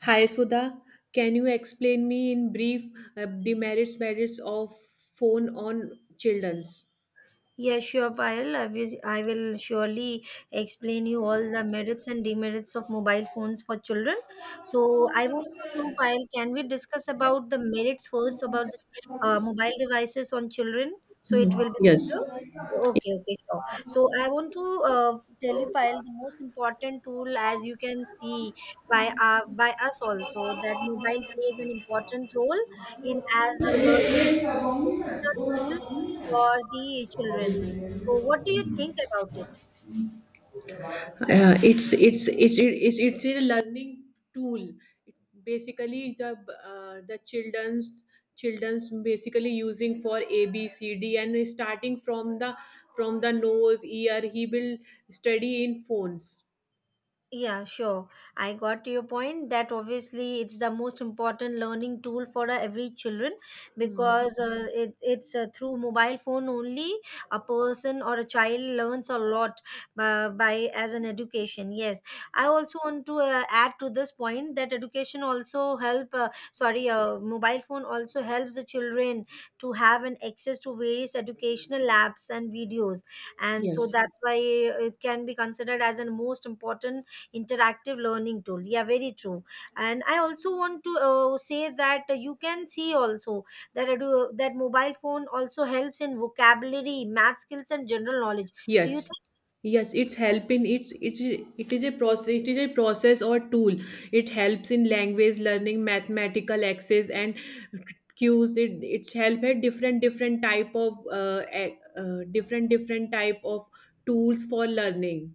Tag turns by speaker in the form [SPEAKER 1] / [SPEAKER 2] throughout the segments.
[SPEAKER 1] Hi Sudha, can you explain me in brief demerits merits of phone on childrens?
[SPEAKER 2] Yeah, sure, Payal. I will surely explain you all the merits and demerits of mobile phones for children. So I want to know, Payal, can we discuss about the merits first about the mobile devices on children? So it
[SPEAKER 1] Mhm.
[SPEAKER 2] will be
[SPEAKER 1] Yes.
[SPEAKER 2] better. Okay, okay, sure. So I want to tell you, Payal, the most important tool, as you can see by us also, that mobile plays an important role in as a learning educational tool for the children. So, what do you think about it?
[SPEAKER 1] It's a learning tool. Basically, the childrens childrens basically using for ABCD and starting from the nose ear he will study in phones.
[SPEAKER 2] Yeah, sure. I got to your point that obviously it's the most important learning tool for every children
[SPEAKER 1] Hmm.
[SPEAKER 2] because it, it's through mobile phone only a person or a child learns a lot by as an education. Yes, I also want to add to this point that education also help. Mobile phone also helps the children to have an access to various educational apps and videos, and so
[SPEAKER 1] Yes.
[SPEAKER 2] that's why it can be considered as a most important interactive learning tool. Yeah, very true. And I also want to say that you can see also that I do, that mobile phone also helps in vocabulary, math skills and general knowledge. Do you?
[SPEAKER 1] Yes, yes, it's helping. It's it is a process. It is a process or tool. It helps in language learning, mathematical access, and cues. It it's help at different type of different type of tools for learning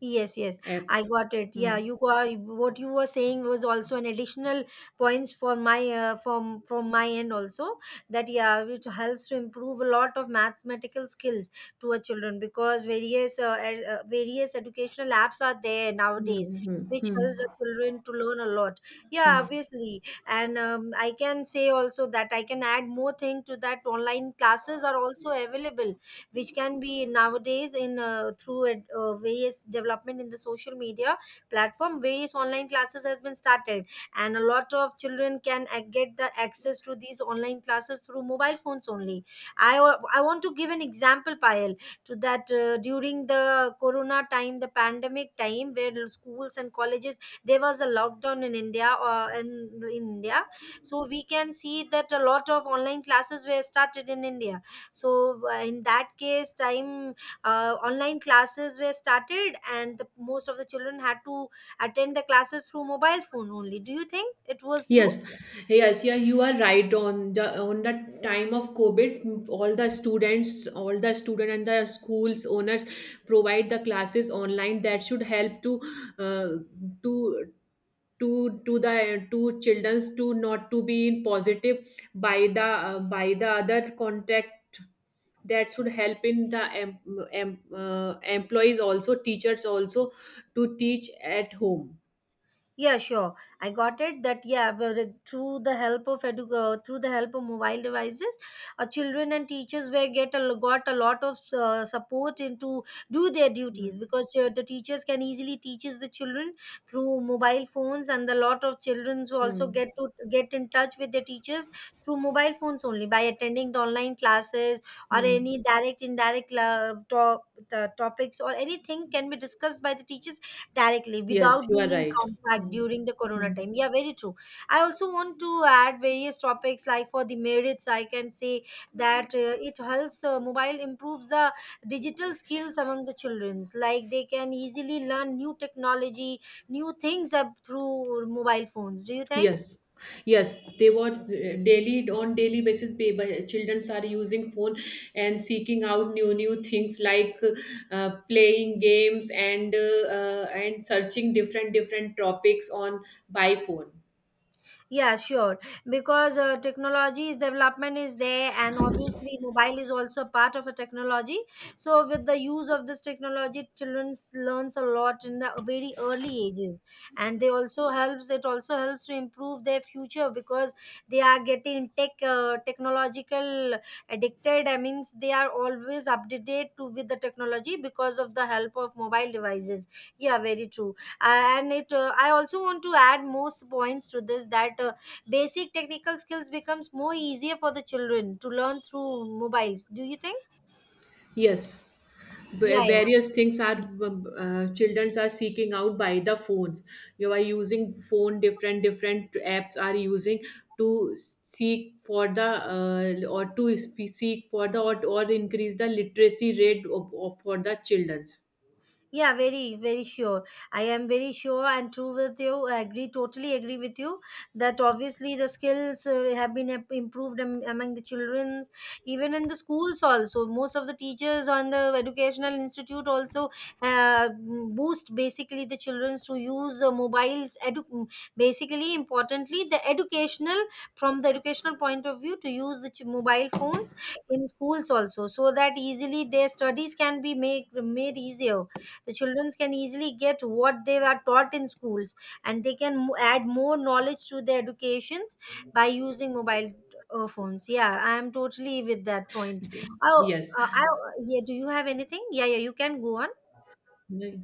[SPEAKER 2] Yes, yes, I
[SPEAKER 1] apps.
[SPEAKER 2] got it. Yeah,
[SPEAKER 1] Hmm.
[SPEAKER 2] you got what you were saying was also an additional points for my from my end also, that yeah, which helps to improve a lot of mathematical skills to our children because various educational apps are there nowadays,
[SPEAKER 1] Hmm. Hmm.
[SPEAKER 2] which
[SPEAKER 1] Hmm.
[SPEAKER 2] helps the children to learn a lot. Yeah,
[SPEAKER 1] Hmm.
[SPEAKER 2] obviously, and I can say also that I can add more thing to that. Online classes are also available which can be nowadays in various development in the social media platform. Various online classes has been started, and a lot of children can get the access to these online classes through mobile phones only. I want to give an example, Payal, to that during the corona time, the pandemic time, where schools and colleges, there was a lockdown in India, in India. So we can see that a lot of online classes were started in India. So in that case time, online classes were started and the most of the children had to attend the classes through mobile phone only. Do you think it was true?
[SPEAKER 1] Yes, yes, yeah, you are right. On the on the time of COVID, all the students, all the student and the schools owners provide the classes online. That should help to uh, to to the to childrens to not to be in positive by the other contact. That should help in the employees also, teachers also, to teach at home.
[SPEAKER 2] Yeah, sure. I got it that yeah, but through the help of through the help of mobile devices, children and teachers were get a, got a lot of support into do their duties,
[SPEAKER 1] Hmm.
[SPEAKER 2] because the teachers can easily teaches the children through mobile phones, and a lot of children also get
[SPEAKER 1] Hmm.
[SPEAKER 2] to get in touch with their teachers through mobile phones only by attending the online classes, or
[SPEAKER 1] Hmm.
[SPEAKER 2] any direct indirect the topics or anything can be discussed by the teachers directly without
[SPEAKER 1] Yes, you are
[SPEAKER 2] being in
[SPEAKER 1] right.
[SPEAKER 2] contact
[SPEAKER 1] Mm.
[SPEAKER 2] during the corona
[SPEAKER 1] Mm.
[SPEAKER 2] time. Yeah, very true. I also want to add various topics like for the merits. I can say that it helps mobile improves the digital skills among the childrens, like they can easily learn new technology, new things up through mobile phones. Do you think?
[SPEAKER 1] Yes, yes, they were daily on daily basis. Children are using phone and seeking out new things like playing games and searching different topics on by phone.
[SPEAKER 2] Yeah, sure. Because technology's development is there, and obviously, mobile is also part of a technology. So, with the use of this technology, children learns a lot in the very early ages, and they also helps. It also helps to improve their future because they are getting technological addicted. I mean, they are always updated to with the technology because of the help of mobile devices. Yeah, very true. And it I also want to add most points to this, that basic technical skills becomes more easier for the children to learn through mobiles. Do you think?
[SPEAKER 1] Yes,
[SPEAKER 2] Yeah, yeah.
[SPEAKER 1] various things are. Children are seeking out by the phones. You are using phone, different apps are using to seek for the or to seek for the, or increase the literacy rate of, for the childrens.
[SPEAKER 2] Yeah, very, very sure. I am very sure and true with you. I agree, totally agree with you that obviously the skills have been improved among the children, even in the schools also. Most of the teachers on the educational institute also uh, boost basically the children to use the mobiles. Basically, importantly, the educational, from the educational point of view, to use the mobile phones in schools also, so that easily their studies can be make, made easier, the children can easily get what they were taught in schools, and they can add more knowledge to their educations by using mobile phones. Yeah, I am totally with that point. Oh,
[SPEAKER 1] Yes.
[SPEAKER 2] I, yeah, do you have anything? Yeah, yeah, you can go on.
[SPEAKER 1] Right.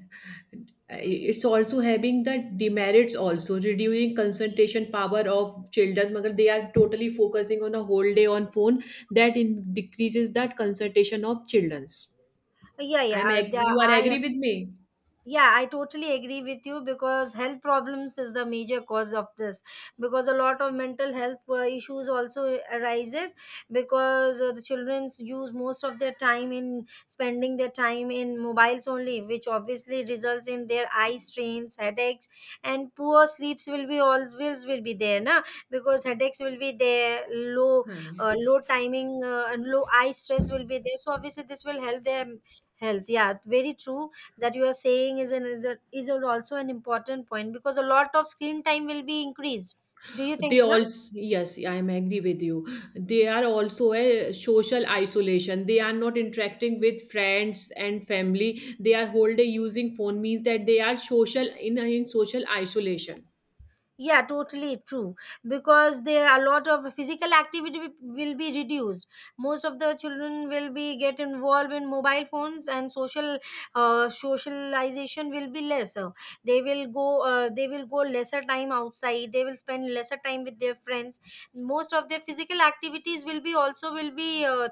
[SPEAKER 1] It's also having the demerits also, reducing concentration power of children, but they are totally focusing on a whole day on phone. That in decreases that concentration of children's.
[SPEAKER 2] Yeah, yeah,
[SPEAKER 1] You are
[SPEAKER 2] I.
[SPEAKER 1] agree with me?
[SPEAKER 2] Yeah, I totally agree with you because health problems is the major cause of this, because a lot of mental health issues also arises, because the children use most of their time in spending their time in mobiles only, which obviously results in their eye strains, headaches, and poor sleeps will be always will be there, na. Because headaches will be there, low low timing, and low eye stress will be there, so obviously this will help their health. Yeah, very true, that you are saying is an is, a, is also an important point because a lot of screen time will be increased. Do you
[SPEAKER 1] They
[SPEAKER 2] think, na?
[SPEAKER 1] also, yes, I am agree with you. They are also a social isolation, they are not interacting with friends and family. They are whole day using phone, means that they are social in social isolation.
[SPEAKER 2] Yeah, totally true. Because there are a lot of physical activity will be reduced. Most of the children will be get involved in mobile phones, and social socialization will be lesser. They will go. They will go lesser time outside. They will spend lesser time with their friends. Most of their physical activities will be also will be. Uh,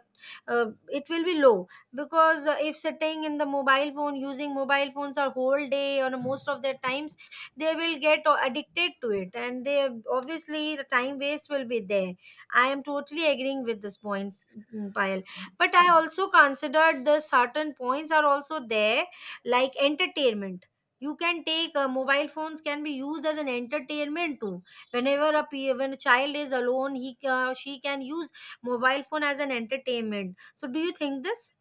[SPEAKER 2] uh, It will be low, because if sitting in the mobile phone, using mobile phones are whole day on most of their times, they will get addicted to it, and they obviously the time waste will be there. I am totally agreeing with this points, mm, Payal. But I also considered the certain points are also there, like entertainment. You can take mobile phones can be used as an entertainment too, whenever when a child is alone, he she can use mobile phone as an entertainment. So do you think this?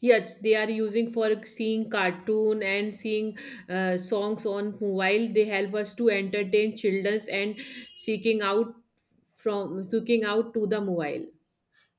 [SPEAKER 1] Yes, they are using for seeing cartoon and seeing songs on mobile. They help us to entertain children and seeking out from seeking out to the mobile.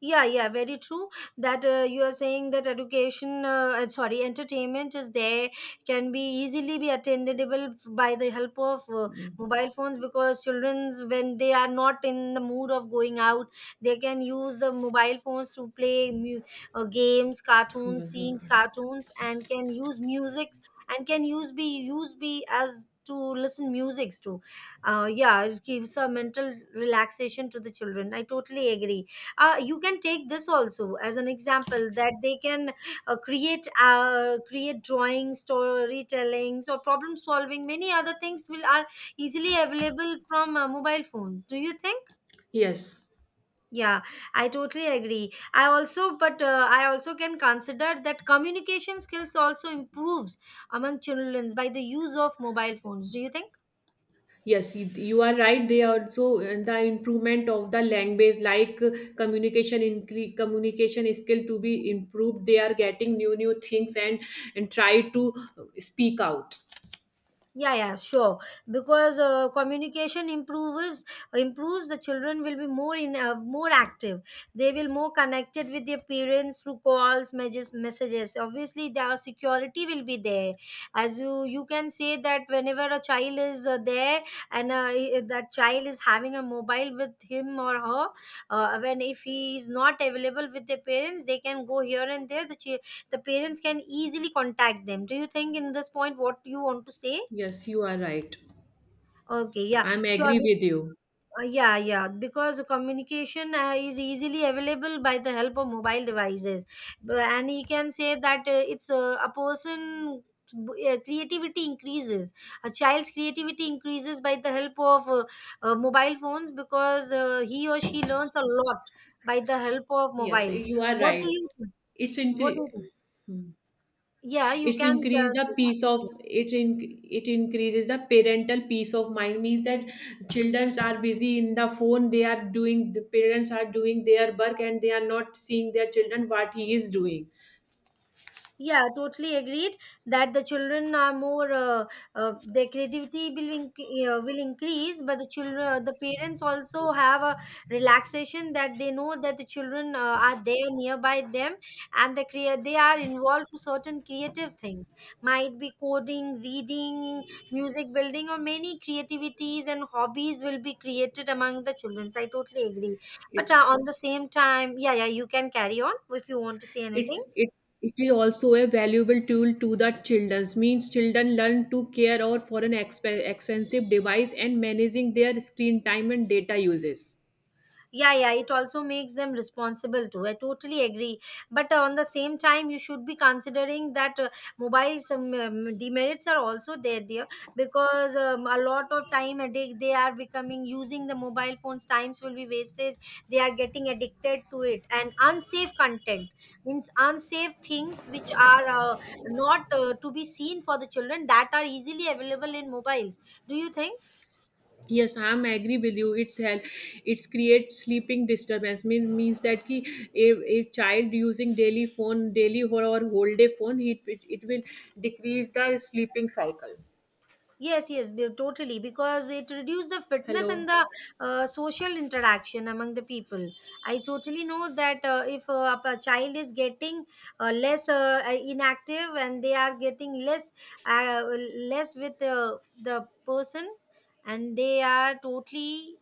[SPEAKER 2] Yeah, yeah, very true. That you are saying that entertainment is there, can be easily be attainable by the help of mobile phones, because childrens when they are not in the mood of going out, they can use the mobile phones to play games, cartoons,
[SPEAKER 1] Yes, on
[SPEAKER 2] seeing
[SPEAKER 1] card.
[SPEAKER 2] cartoons, and can use musics, and can use be as to listen musics too. Yeah, it gives a mental relaxation to the children. I totally agree. You can take this also as an example, that they can create drawing, storytellings, or problem solving, many other things will are easily available from a mobile phone. Do you think?
[SPEAKER 1] yes,
[SPEAKER 2] Yeah, I totally agree. I also, but I also can consider that communication skills also improves among children by the use of mobile phones. Do you think?
[SPEAKER 1] yes, you you are right. They are also the improvement of the language, like communication communication skill to be improved. They are getting new things and try to speak out.
[SPEAKER 2] Yeah, yeah, sure. Because communication improves, improves the children will be more in more active. They will more connected with their parents through calls, messages, messages. Obviously their security will be there. As you can say that whenever a child is there, and that child is having a mobile with him or her, when if he is not available with their parents, they can go here and there, the parents can easily contact them. Do you think in this point what you want to say?
[SPEAKER 1] Yes, you are right.
[SPEAKER 2] Okay, yeah,
[SPEAKER 1] I'm
[SPEAKER 2] sure.
[SPEAKER 1] agree with you.
[SPEAKER 2] Yeah, yeah, because communication is easily available by the help of mobile devices. And he can say that it's a person b- creativity increases. A child's creativity increases by the help of mobile phones, because he or she learns a lot by the help of
[SPEAKER 1] Yes,
[SPEAKER 2] mobiles.
[SPEAKER 1] you are
[SPEAKER 2] What do
[SPEAKER 1] right.
[SPEAKER 2] you think?
[SPEAKER 1] It's
[SPEAKER 2] What do
[SPEAKER 1] incre-
[SPEAKER 2] you think?
[SPEAKER 1] Hmm.
[SPEAKER 2] Yeah, you
[SPEAKER 1] It's
[SPEAKER 2] can
[SPEAKER 1] increase the
[SPEAKER 2] say
[SPEAKER 1] peace of
[SPEAKER 2] that.
[SPEAKER 1] it in it increases the parental peace of mind, means that children are busy in the phone. They are doing, the parents are doing their work, and they are not seeing their children what he is doing.
[SPEAKER 2] Yeah, totally agreed that the children are more their creativity will increase, but the children, the parents also have a relaxation that they know that the children are there nearby them, and the they are involved to certain creative things, might be coding, reading, music building, or many creativities and hobbies will be created among the children. So I totally agree. But
[SPEAKER 1] it's
[SPEAKER 2] on the same time, yeah, yeah, you can carry on if you want to say
[SPEAKER 1] it
[SPEAKER 2] anything.
[SPEAKER 1] it it is also a valuable tool to the childrens, means children learn to care or for an expensive device and managing their screen time and data uses.
[SPEAKER 2] Yeah, yeah, it also makes them responsible too. I totally agree. But on the same time, you should be considering that mobiles demerits are also there, dear. Because a lot of time a day, they are becoming using the mobile phones, times will be wasted, they are getting addicted to it, and unsafe content, means unsafe things which are not to be seen for the children, that are easily available in mobiles. Do you think?
[SPEAKER 1] Yes, I am agree with you. It's help. It's create sleeping disturbance. Means means that ki if a child using daily phone daily or whole day phone, it will decrease the sleeping cycle.
[SPEAKER 2] Yes, yes, totally. Because it reduces the fitness and
[SPEAKER 1] Hello.
[SPEAKER 2] the social interaction among the people. I totally know that if a child is getting less inactive, and they are getting less uh, less with the person, and they are totally